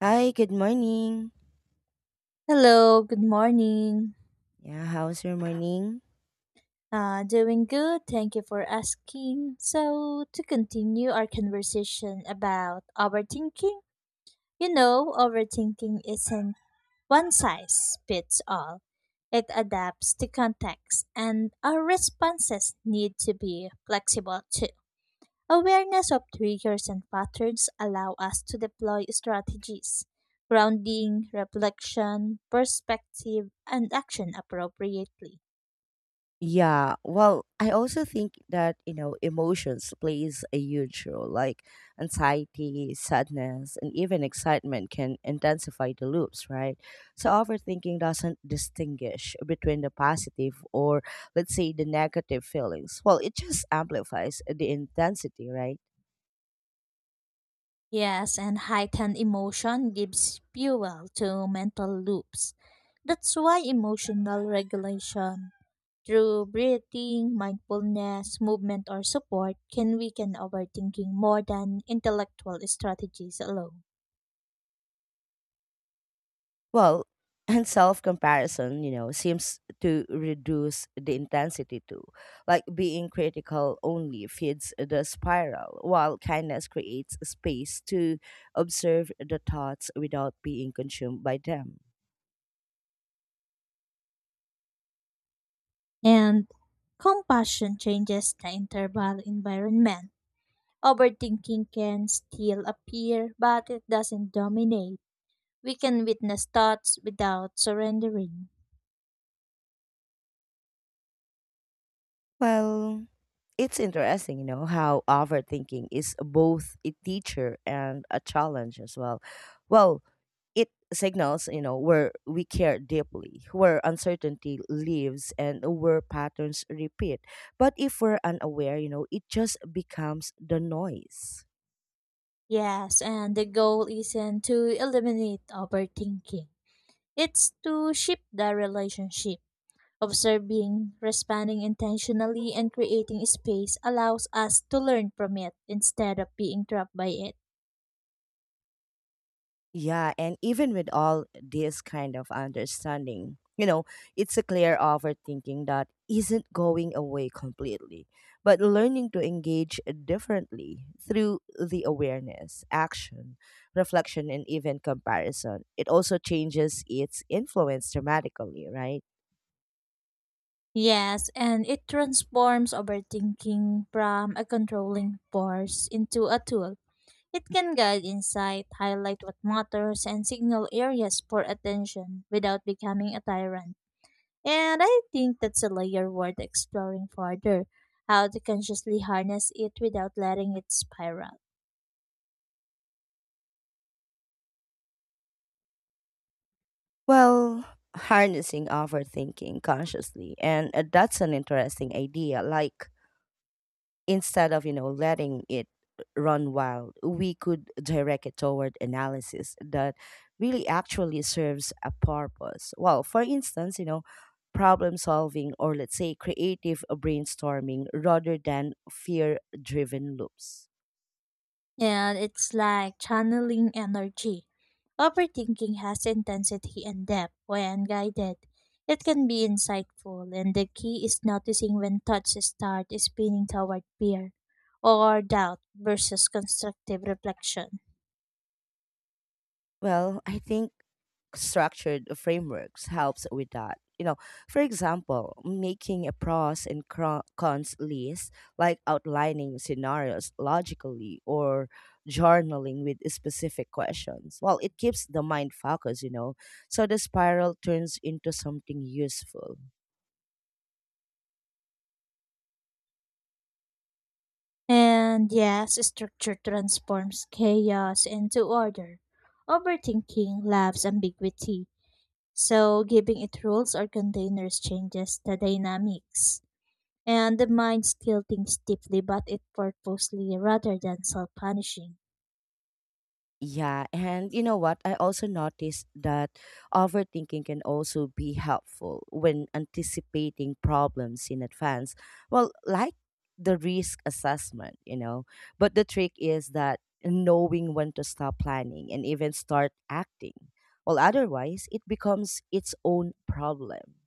Hi, good morning. Hello, good morning. Yeah, how's your morning? Doing good, thank you for asking. So, to continue our conversation about overthinking, you know, overthinking isn't one size fits all. It adapts to context, and our responses need to be flexible too. Awareness of triggers and patterns allow us to deploy strategies, grounding, reflection, perspective, and action appropriately. Yeah, well, I also think that, emotions plays a huge role. Like anxiety, sadness, and even excitement can intensify the loops, right? So overthinking doesn't distinguish between the positive or let's say the negative feelings. Well, it just amplifies the intensity, right? Yes, and heightened emotion gives fuel to mental loops. That's why emotional regulation through breathing, mindfulness, movement, or support can weaken overthinking more than intellectual strategies alone. Well, and self comparison, seems to reduce the intensity too. Like being critical only feeds the spiral, while kindness creates space to observe the thoughts without being consumed by them. And compassion changes the interval environment. Overthinking can still appear, but it doesn't dominate. We can witness thoughts without surrendering. Well, it's interesting, how overthinking is both a teacher and a challenge as well. Well, it signals, where we care deeply, where uncertainty lives, and where patterns repeat. But if we're unaware, it just becomes the noise. Yes, and the goal isn't to eliminate overthinking. It's to shape the relationship. Observing, responding intentionally, and creating space allows us to learn from it instead of being trapped by it. Yeah, and even with all this kind of understanding, it's a clear overthinking that isn't going away completely, but learning to engage differently through the awareness, action, reflection, and even comparison. It also changes its influence dramatically, right? Yes, and it transforms overthinking from a controlling force into a tool. It can guide insight, highlight what matters, and signal areas for attention without becoming a tyrant. And I think that's a layer worth exploring further, how to consciously harness it without letting it spiral. Well, harnessing overthinking consciously, and that's an interesting idea. Like, instead of letting it run wild, we could direct it toward analysis that really actually serves a purpose. Well, for instance, problem solving or let's say creative brainstorming rather than fear driven loops. And it's like channeling energy. Overthinking has intensity and depth when guided. It can be insightful, and the key is noticing when thoughts start spinning toward fear or doubt versus constructive reflection. Well, I think structured frameworks helps with that. You know, for example, making a pros and cons list, like outlining scenarios logically or journaling with specific questions. Well, it keeps the mind focused, so the spiral turns into something useful. And yes, structure transforms chaos into order. Overthinking loves ambiguity, so giving it rules or containers changes the dynamics. And the mind still thinks deeply, but it purposely rather than self punishing. Yeah, and you know what? I also noticed that overthinking can also be helpful when anticipating problems in advance. Well, like the risk assessment. But the trick is that knowing when to stop planning and even start acting. Well, otherwise, it becomes its own problem.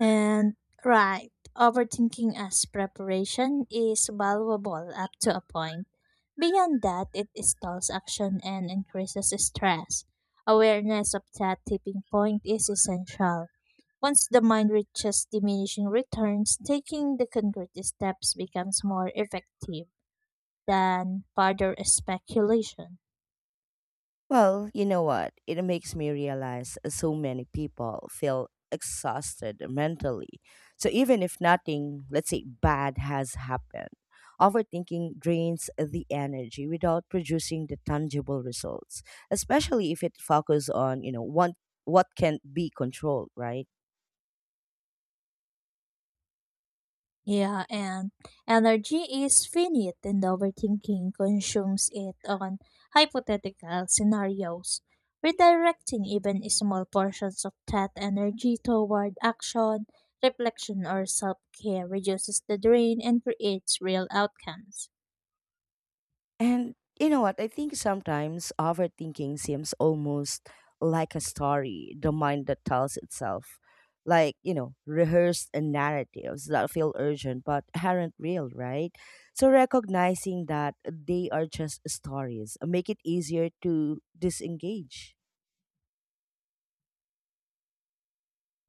And right, overthinking as preparation is valuable up to a point. Beyond that, it stalls action and increases stress. Awareness of that tipping point is essential. Once the mind reaches diminishing returns, taking the concrete steps becomes more effective than further speculation. Well, you know what? It makes me realize so many people feel exhausted mentally. So even if nothing, let's say, bad has happened, overthinking drains the energy without producing the tangible results, especially if it focuses on, what can be controlled, right? Yeah, and energy is finite, and overthinking consumes it on hypothetical scenarios. Redirecting even small portions of that energy toward action, reflection, or self care reduces the drain and creates real outcomes. And you know what? I think sometimes overthinking seems almost like a story, the mind that tells itself. Like, rehearsed narratives that feel urgent but aren't real, right? So recognizing that they are just stories make it easier to disengage.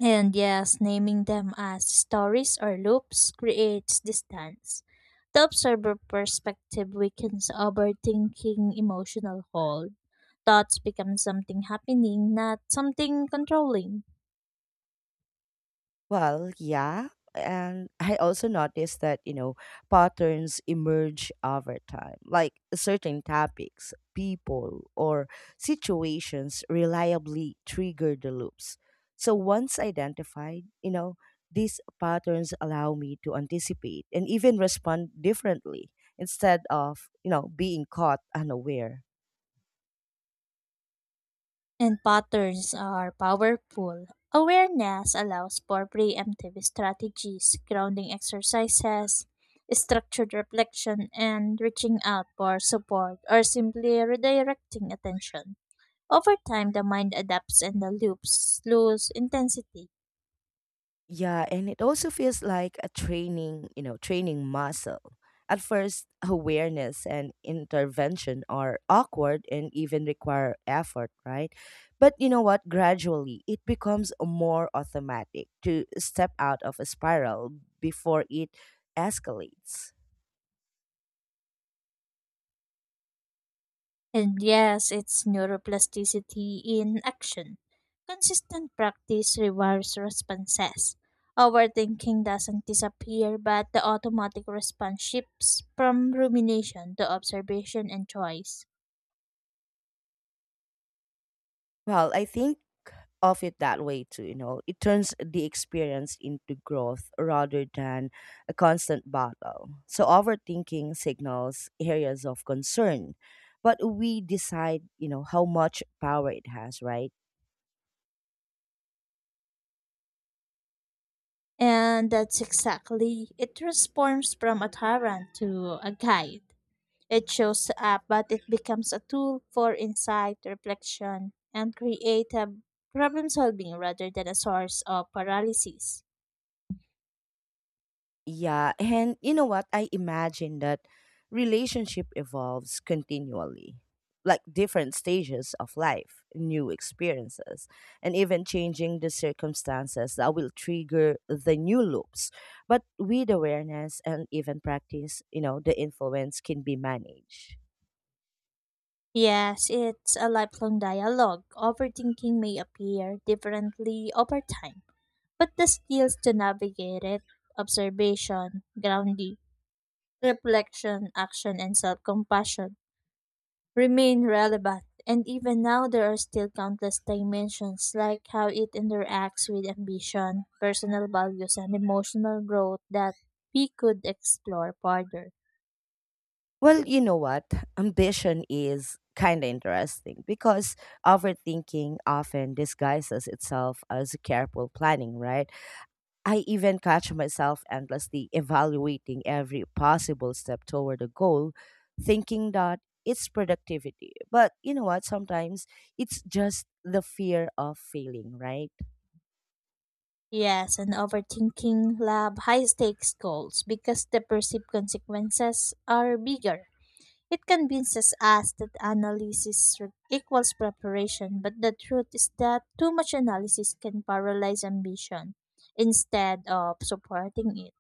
And yes, naming them as stories or loops creates distance. The observer perspective weakens overthinking emotional hold. Thoughts become something happening, not something controlling. Well, yeah. And I also noticed that, patterns emerge over time, like certain topics, people, or situations reliably trigger the loops. So once identified, these patterns allow me to anticipate and even respond differently instead of, being caught unaware. And patterns are powerful. Awareness allows for preemptive strategies, grounding exercises, structured reflection, and reaching out for support or simply redirecting attention. Over time, the mind adapts and the loops lose intensity. Yeah, and it also feels like a training, training muscle. At first, awareness and intervention are awkward and even require effort, right? But you know what? Gradually, it becomes more automatic to step out of a spiral before it escalates. And yes, it's neuroplasticity in action. Consistent practice rewires responses. Overthinking doesn't disappear, but the automatic response shifts from rumination to observation and choice. Well, I think of it that way too. It turns the experience into growth rather than a constant battle. So overthinking signals areas of concern, but we decide, how much power it has, right? And that's exactly it transforms from a tyrant to a guide. It shows up, but it becomes a tool for insight, reflection, and creative problem solving rather than a source of paralysis. Yeah, and you know what? I imagine that relationship evolves continually, like different stages of life, new experiences, and even changing the circumstances that will trigger the new loops. But with awareness and even practice, the influence can be managed. Yes, it's a lifelong dialogue. Overthinking may appear differently over time, but the skills to navigate it observation, grounding, reflection, action, and self compassion remain relevant. And even now, there are still countless dimensions, like how it interacts with ambition, personal values, and emotional growth that we could explore further. Well, you know what? Ambition is kind of interesting because overthinking often disguises itself as careful planning, right? I even catch myself endlessly evaluating every possible step toward a goal, thinking that it's productivity. But you know what? Sometimes it's just the fear of failing, right? Yes, and overthinking lab high stakes goals because the perceived consequences are bigger. It convinces us that equals preparation, but the truth is that too much analysis can paralyze ambition instead of supporting it.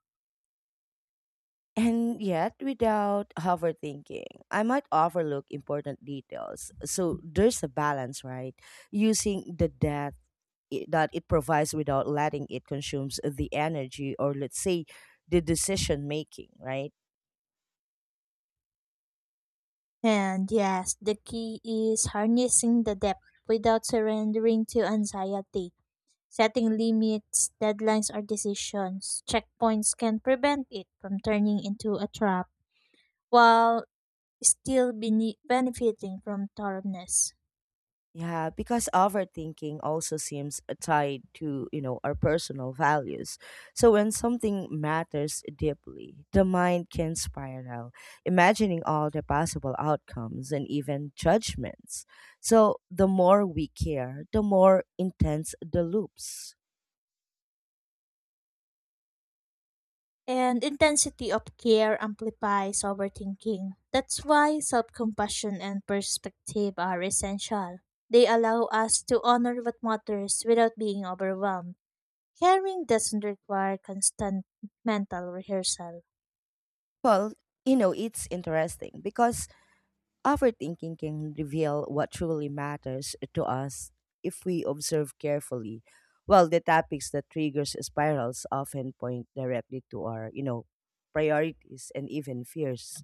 And yet, without overthinking, I might overlook important details. So there's a balance, right? Using the depth that it provides without letting it consumes the energy or, let's say, the decision making, right? And yes, the key is harnessing the depth without surrendering to anxiety. Setting limits, deadlines, or decisions, checkpoints can prevent it from turning into a trap, while still benefiting from thoroughness. Yeah, because overthinking also seems tied to, our personal values. So when something matters deeply, the mind can spiral, imagining all the possible outcomes and even judgments. So the more we care, the more intense the loops. And intensity of care amplifies overthinking. That's why self compassion and perspective are essential. They allow us to honor what matters without being overwhelmed. Caring doesn't require constant mental rehearsal. Well, it's interesting because overthinking can reveal what truly matters to us if we observe carefully. Well, the topics that triggers spirals often point directly to our, priorities and even fears.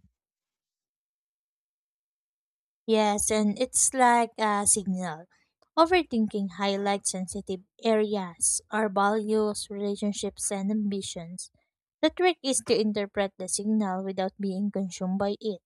Yes, and it's like a signal. Overthinking highlights sensitive areas, our values, relationships, and ambitions. The trick is to interpret the signal without being consumed by it.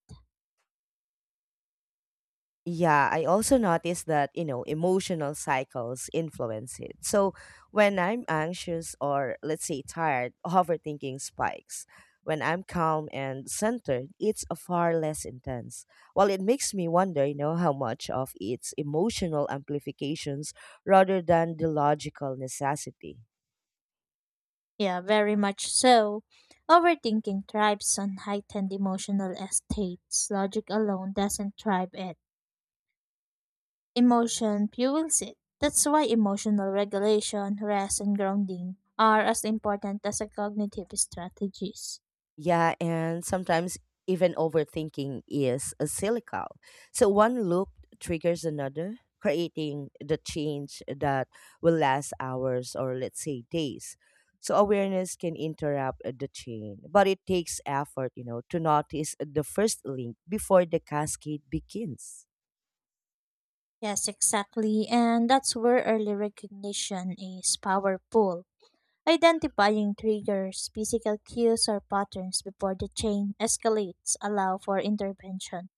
Yeah, I also noticed that, emotional cycles influence it. So when I'm anxious or, let's say, tired, overthinking spikes. When I'm calm and centered, it's a far less intense. Well, it makes me wonder, how much of its emotional amplifications rather than the logical necessity. Yeah, very much so. Overthinking thrives on heightened emotional states. Logic alone doesn't thrive it. Emotion fuels it. That's why emotional regulation, rest, and grounding are as important as a cognitive strategies. Yeah, and sometimes even overthinking is a cyclical. So one loop triggers another, creating the change that will last hours or let's say days. So awareness can interrupt the chain, but it takes effort, to notice the first link before the cascade begins. Yes, exactly. And that's where early recognition is powerful. Identifying triggers, physical cues, or patterns before the chain escalates allow for intervention,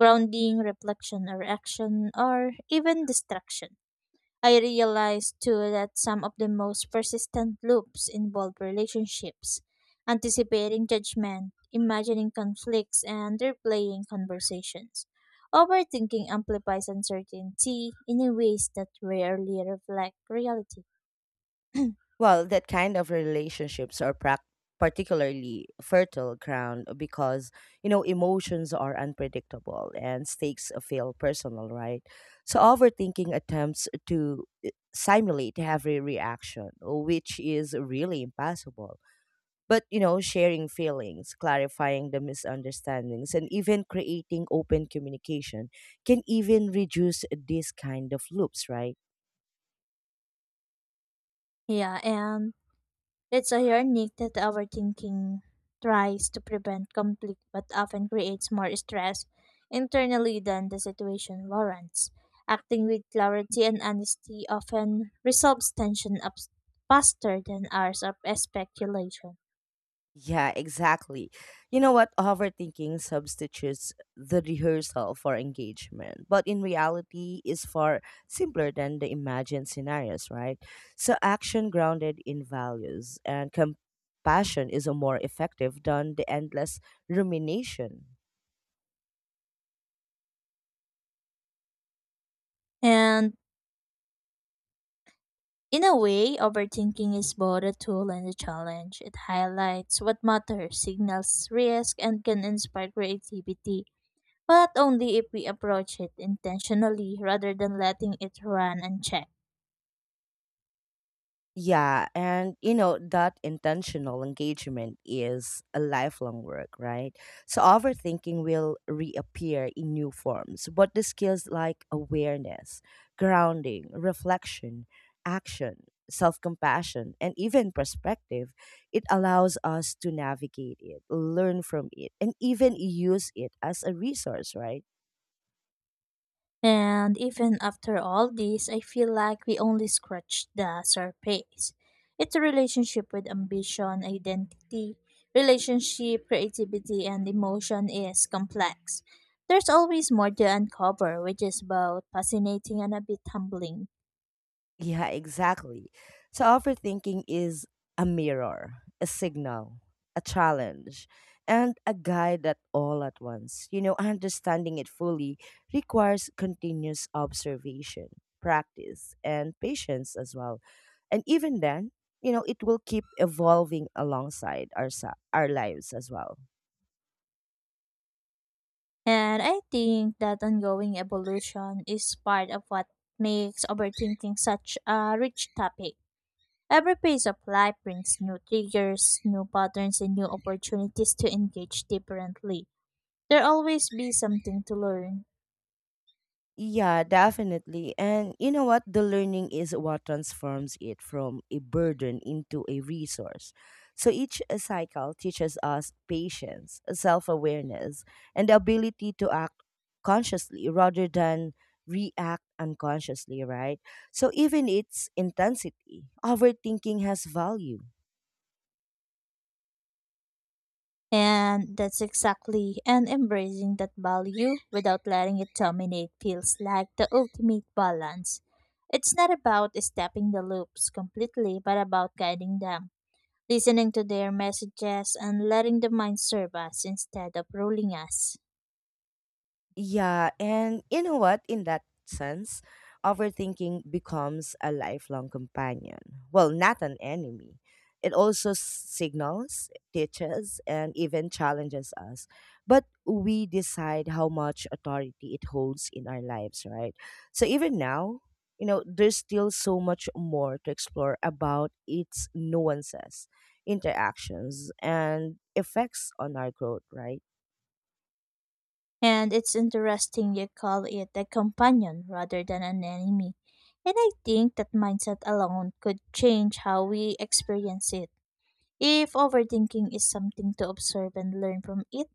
grounding, reflection or action, or even distraction. I realized too that some of the most persistent loops involve relationships, anticipating judgment, imagining conflicts, and replaying conversations. Overthinking amplifies uncertainty in ways that rarely reflect reality. Well, that kind of relationships are prac particularly fertile ground because emotions are unpredictable and stakes feel personal, right? So overthinking attempts to simulate every reaction, which is really impossible. But sharing feelings, clarifying the misunderstandings, and even creating open communication can even reduce this kind of loops, right? Yeah, and it's ironic that overthinking tries to prevent conflict but often creates more stress internally than the situation warrants. Acting with clarity and honesty often resolves tension up faster than hours of speculation. Yeah, exactly. You know what? Overthinking substitutes the rehearsal for engagement, but in reality is far simpler than the imagined scenarios, right? So action grounded in values and compassion is a more effective than the endless rumination. And in a way, overthinking is both a tool and a challenge. It highlights what matters, signals risk, and can inspire creativity but only if we approach it intentionally rather than letting it run unchecked. Yeah, and that intentional engagement is a lifelong work, right? So overthinking will reappear in new forms, but the skills like awareness, grounding, reflection, action, self-compassion, and even perspective, it allows us to navigate it, learn from it, and even use it as a resource, right? And even after all this, I feel like we only scratched the surface. It's a relationship with ambition, identity, relationship, creativity, and emotion is complex. There's always more to uncover, which is both fascinating and a bit humbling. Yeah, exactly. So overthinking is a mirror, a signal, a challenge, and a guide that all at once. Understanding it fully requires continuous observation, practice, and patience as well. And even then, it will keep evolving alongside our our lives as well. And I think that ongoing evolution is part of what makes overthinking such a rich topic. Every phase of life brings new triggers, new patterns, and new opportunities to engage differently. There'll always be something to learn. Yeah, definitely. And you know what? The learning is what transforms it from a burden into a resource. So each cycle teaches us patience, self awareness, and the ability to act consciously rather than react unconsciously, right? So even its intensity, overthinking has value. And that's exactly, and embracing that value without letting it dominate feels like the ultimate balance. It's not about stepping the loops completely, but about guiding them, listening to their messages, and letting the mind serve us instead of ruling us. Yeah, and you know what? In that sense, overthinking becomes a lifelong companion. Well, not an enemy. It also signals, teaches, and even challenges us. But we decide how much authority it holds in our lives, right? So even now, there's still so much more to explore about its nuances, interactions, and effects on our growth, right? And it's interesting you call it a companion rather than an enemy. And I think that mindset alone could change how we experience it. If overthinking is something to observe and learn from it,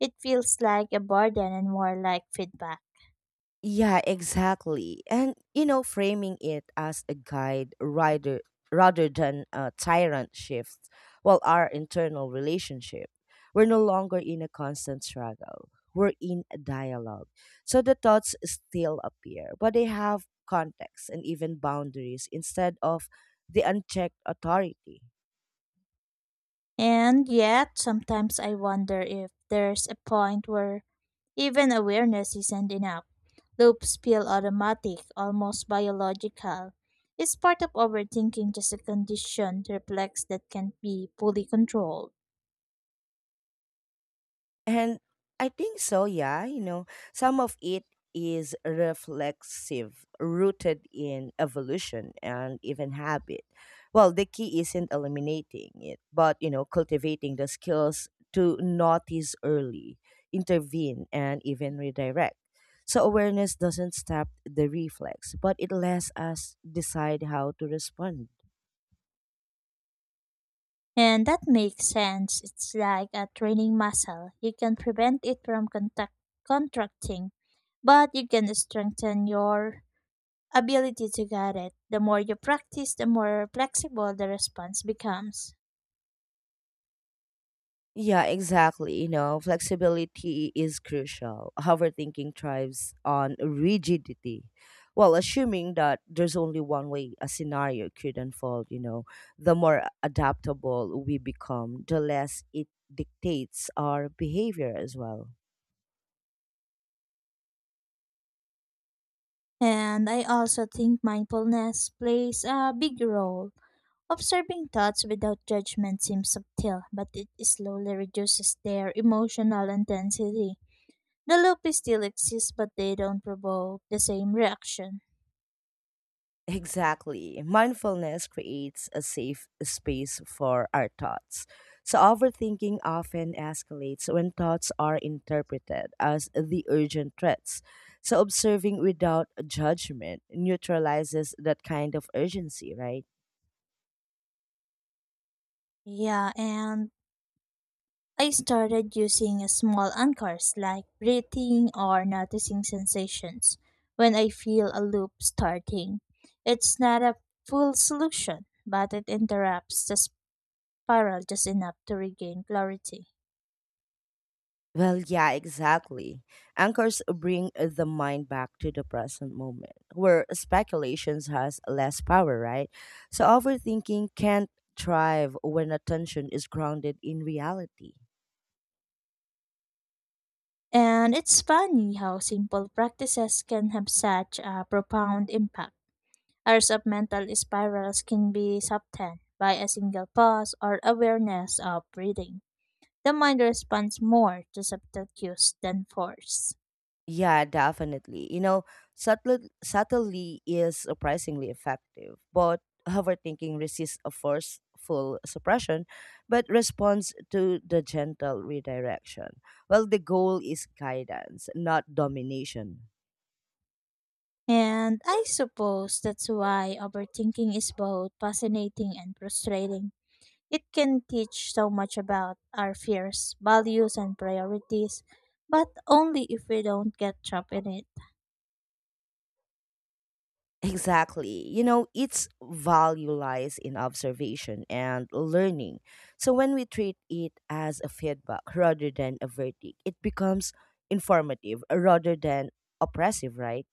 it feels like a burden and more like feedback. Yeah, exactly. And framing it as a guide rather than a tyrant shifts, well, our internal relationship. We're no longer in a constant struggle. We're in a dialogue. So the thoughts still appear, but they have context and even boundaries instead of the unchecked authority. And yet, sometimes I wonder if there's a point where even awareness isn't enough. Loops feel automatic, almost biological. It's part of overthinking just a conditioned reflex that can't be fully controlled. And I think so, yeah. Some of it is reflexive, rooted in evolution and even habit. Well, the key isn't eliminating it, but, cultivating the skills to notice early, intervene, and even redirect. So awareness doesn't stop the reflex, but it lets us decide how to respond. And that makes sense. It's like a training muscle. You can prevent it from contracting, but you can strengthen your ability to guide it. The more you practice, the more flexible the response becomes. Yeah, exactly. Flexibility is crucial. Overthinking thrives on rigidity. Well, assuming that there's only one way a scenario could unfold, the more adaptable we become, the less it dictates our behavior as well. And I also think mindfulness plays a big role. Observing thoughts without judgment seems subtle, but it slowly reduces their emotional intensity. The loop still exists, but they don't provoke the same reaction. Exactly. Mindfulness creates a safe space for our thoughts. So, overthinking often escalates when thoughts are interpreted as the urgent threats. So, observing without judgment neutralizes that kind of urgency, right? Yeah, and I started using small anchors like breathing or noticing sensations when I feel a loop starting. It's not a full solution, but it interrupts the spiral just enough to regain clarity. Well, yeah, exactly. Anchors bring the mind back to the present moment, where speculations has less power, right? So overthinking can't thrive when attention is grounded in reality. And it's funny how simple practices can have such a profound impact. Hours of mental spirals can be softened by a single pause or awareness of breathing. The mind responds more to subtle cues than force. Yeah, definitely. Subtlety is surprisingly effective, but overthinking resists a forceful suppression, but responds to the gentle redirection. Well, the goal is guidance, not domination. And I suppose that's why overthinking is both fascinating and frustrating. It can teach so much about our fears, values, and priorities, but only if we don't get trapped in it. Exactly. Its value lies in observation and learning. So when we treat it as a feedback rather than a verdict, it becomes informative rather than oppressive, right?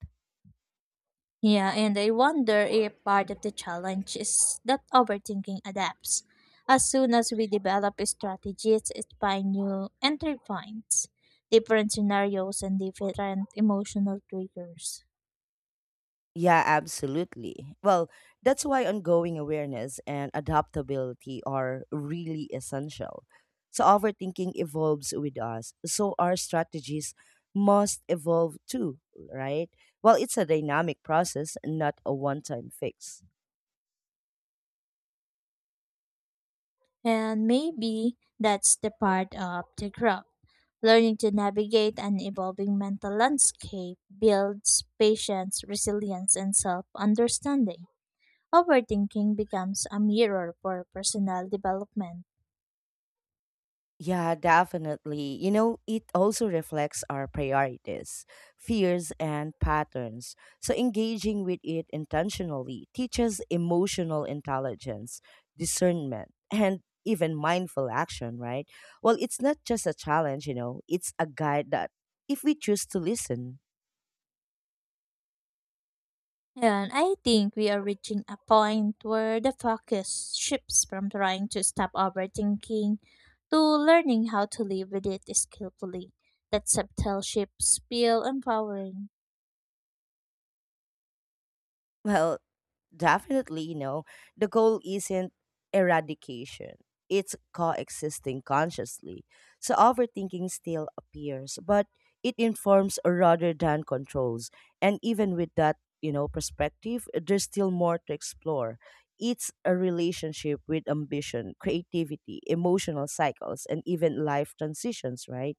Yeah, and I wonder if part of the challenge is that overthinking adapts. As soon as we develop strategies, it finds new entry points, different scenarios, and different emotional triggers. Yeah, absolutely. Well, that's why ongoing awareness and adaptability are really essential. So, overthinking evolves with us. So, our strategies must evolve too, right? Well, it's a dynamic process, not a one time fix. And maybe that's the part of the growth. Learning to navigate an evolving mental landscape builds patience, resilience, and self understanding. Overthinking becomes a mirror for personal development. Yeah, definitely. It also reflects our priorities, fears, and patterns. So, engaging with it intentionally teaches emotional intelligence, discernment, and even mindful action, right? Well, it's not just a challenge, it's a guide that if we choose to listen, And I think we are reaching a point where the focus shifts from trying to stop overthinking to learning how to live with it skillfully. That subtle shifts feel empowering. well, definitely, the goal isn't eradication. It's coexisting consciously. So overthinking still appears, but it informs rather than controls. And even with that, perspective, there's still more to explore. It's a relationship with ambition, creativity, emotional cycles, and even life transitions, right?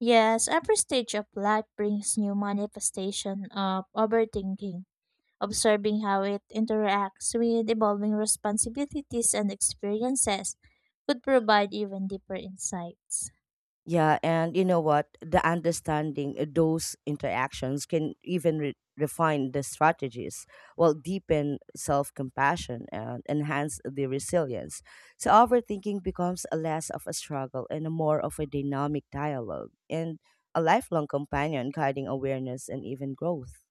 Yes, every stage of life brings new manifestation of overthinking. Observing how it interacts with evolving responsibilities and experiences could provide even deeper insights. Yeah, and you know what? The understanding those interactions can even refine the strategies, while deepen self compassion and enhance the resilience. So, overthinking becomes a less of a struggle and a more of a dynamic dialogue and a lifelong companion guiding awareness and even growth.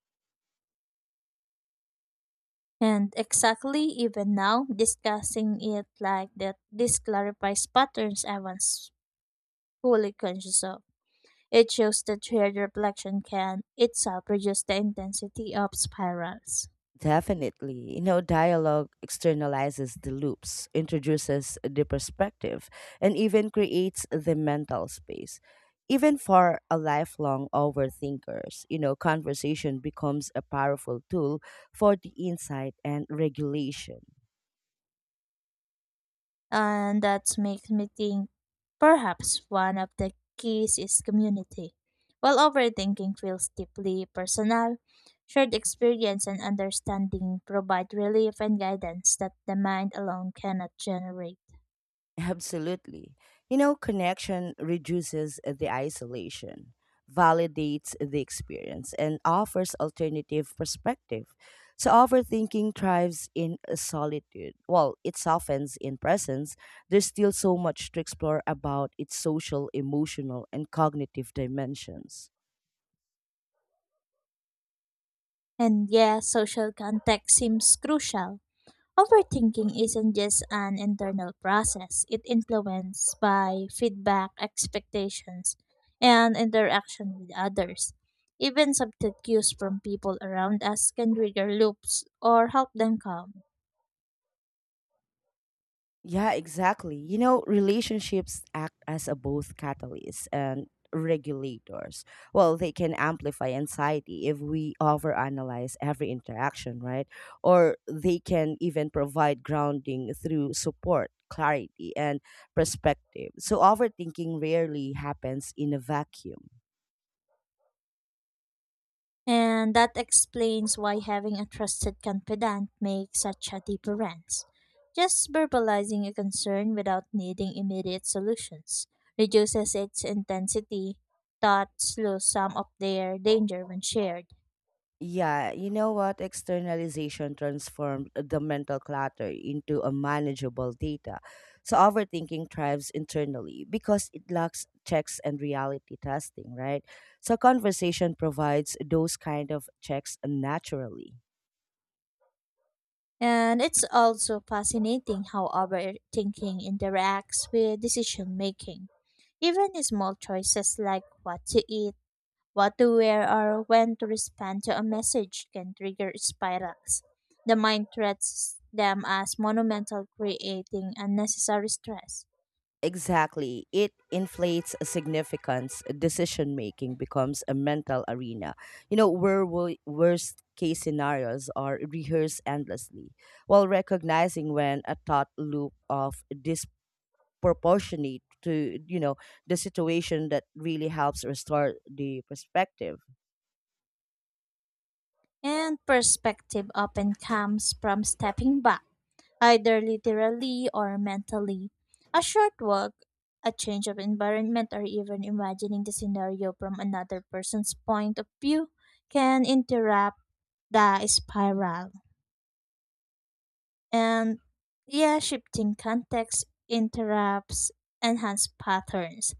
And exactly, even now, discussing it like that, this clarifies patterns I was fully conscious of. It shows that shared reflection can itself reduce the intensity of spirals. Definitely. Dialogue externalizes the loops, introduces the perspective, and even creates the mental space. Even for a lifelong overthinkers, conversation becomes a powerful tool for the insight and regulation. And that makes me think perhaps one of the keys is community. While overthinking feels deeply personal, shared experience and understanding provide relief and guidance that the mind alone cannot generate. Absolutely. Connection reduces the isolation, validates the experience, and offers alternative perspective. So overthinking thrives in solitude. Well, it softens in presence. There's still so much to explore about its social, emotional, and cognitive dimensions. And yes, social context seems crucial. Overthinking isn't just an internal process, it influenced by feedback, expectations, and interaction with others. Even subtle cues from people around us can trigger loops or help them calm. Yeah, exactly. Relationships act as a both catalyst and regulators. Well, they can amplify anxiety if we overanalyze every interaction, right? Or they can even provide grounding through support, clarity, and perspective. So overthinking rarely happens in a vacuum. And that explains why having a trusted confidant makes such a difference. Just verbalizing a concern without needing immediate solutions reduces its intensity, thus slows some of their danger when shared. Yeah, you know what? Externalization transformed the mental clutter into a manageable data. So overthinking thrives internally because it lacks checks and reality testing, right? So conversation provides those kind of checks naturally. And it's also fascinating how our thinking interacts with decision making. Even small choices like what to eat, what to wear or when to respond to a message can trigger spirals. The mind treats them as monumental, creating unnecessary stress. Exactly. It inflates significance. Decision making becomes a mental arena. Where worst case scenarios are rehearsed endlessly, while recognizing when a thought loop of disproportionate to, the situation that really helps restore the perspective. And perspective often comes from stepping back, either literally or mentally. A short walk, a change of environment, or even imagining the scenario from another person's point of view can interrupt the spiral. And yeah, shifting context interrupts enhanced patterns.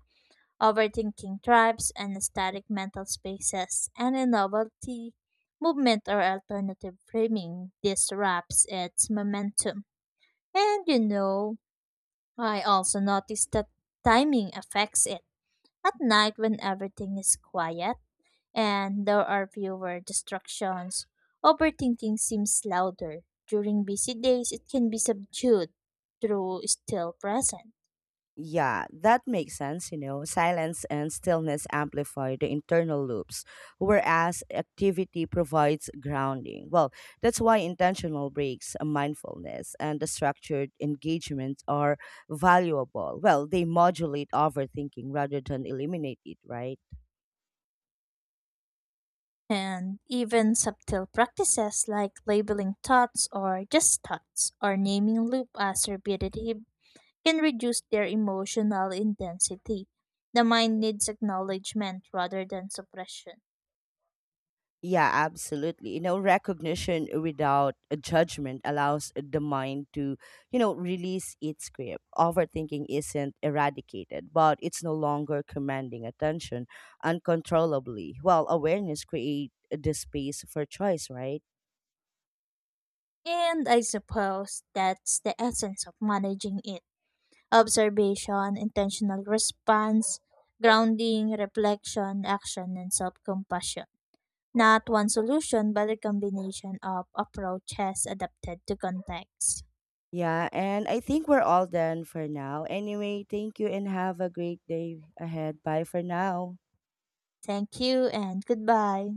Overthinking tribes and static mental spaces and a novelty movement or alternative framing disrupts its momentum. And you know, I also noticed that timing affects it. At night when everything is quiet, and there are fewer distractions, overthinking seems louder. During busy days, it can be subdued through still present. Yeah, that makes sense. Silence and stillness amplify the internal loops, whereas activity provides grounding. Well, that's why intentional breaks, mindfulness, and the structured engagement are valuable. Well, they modulate overthinking rather than eliminate it, right? And even subtle practices like labeling thoughts or just thoughts or naming loop as repetitive can reduce their emotional intensity. The mind needs acknowledgement rather than suppression. Yeah, absolutely. Recognition without a judgment allows the mind to, release its grip. Overthinking isn't eradicated, but it's no longer commanding attention uncontrollably. While awareness creates the space for choice, right? And I suppose that's the essence of managing it observation, intentional response, grounding, reflection, action, and self compassion. Not one solution, but a combination of approaches adapted to context. Yeah, and I think we're all done for now. Anyway, thank you and have a great day ahead. Bye for now. Thank you and goodbye.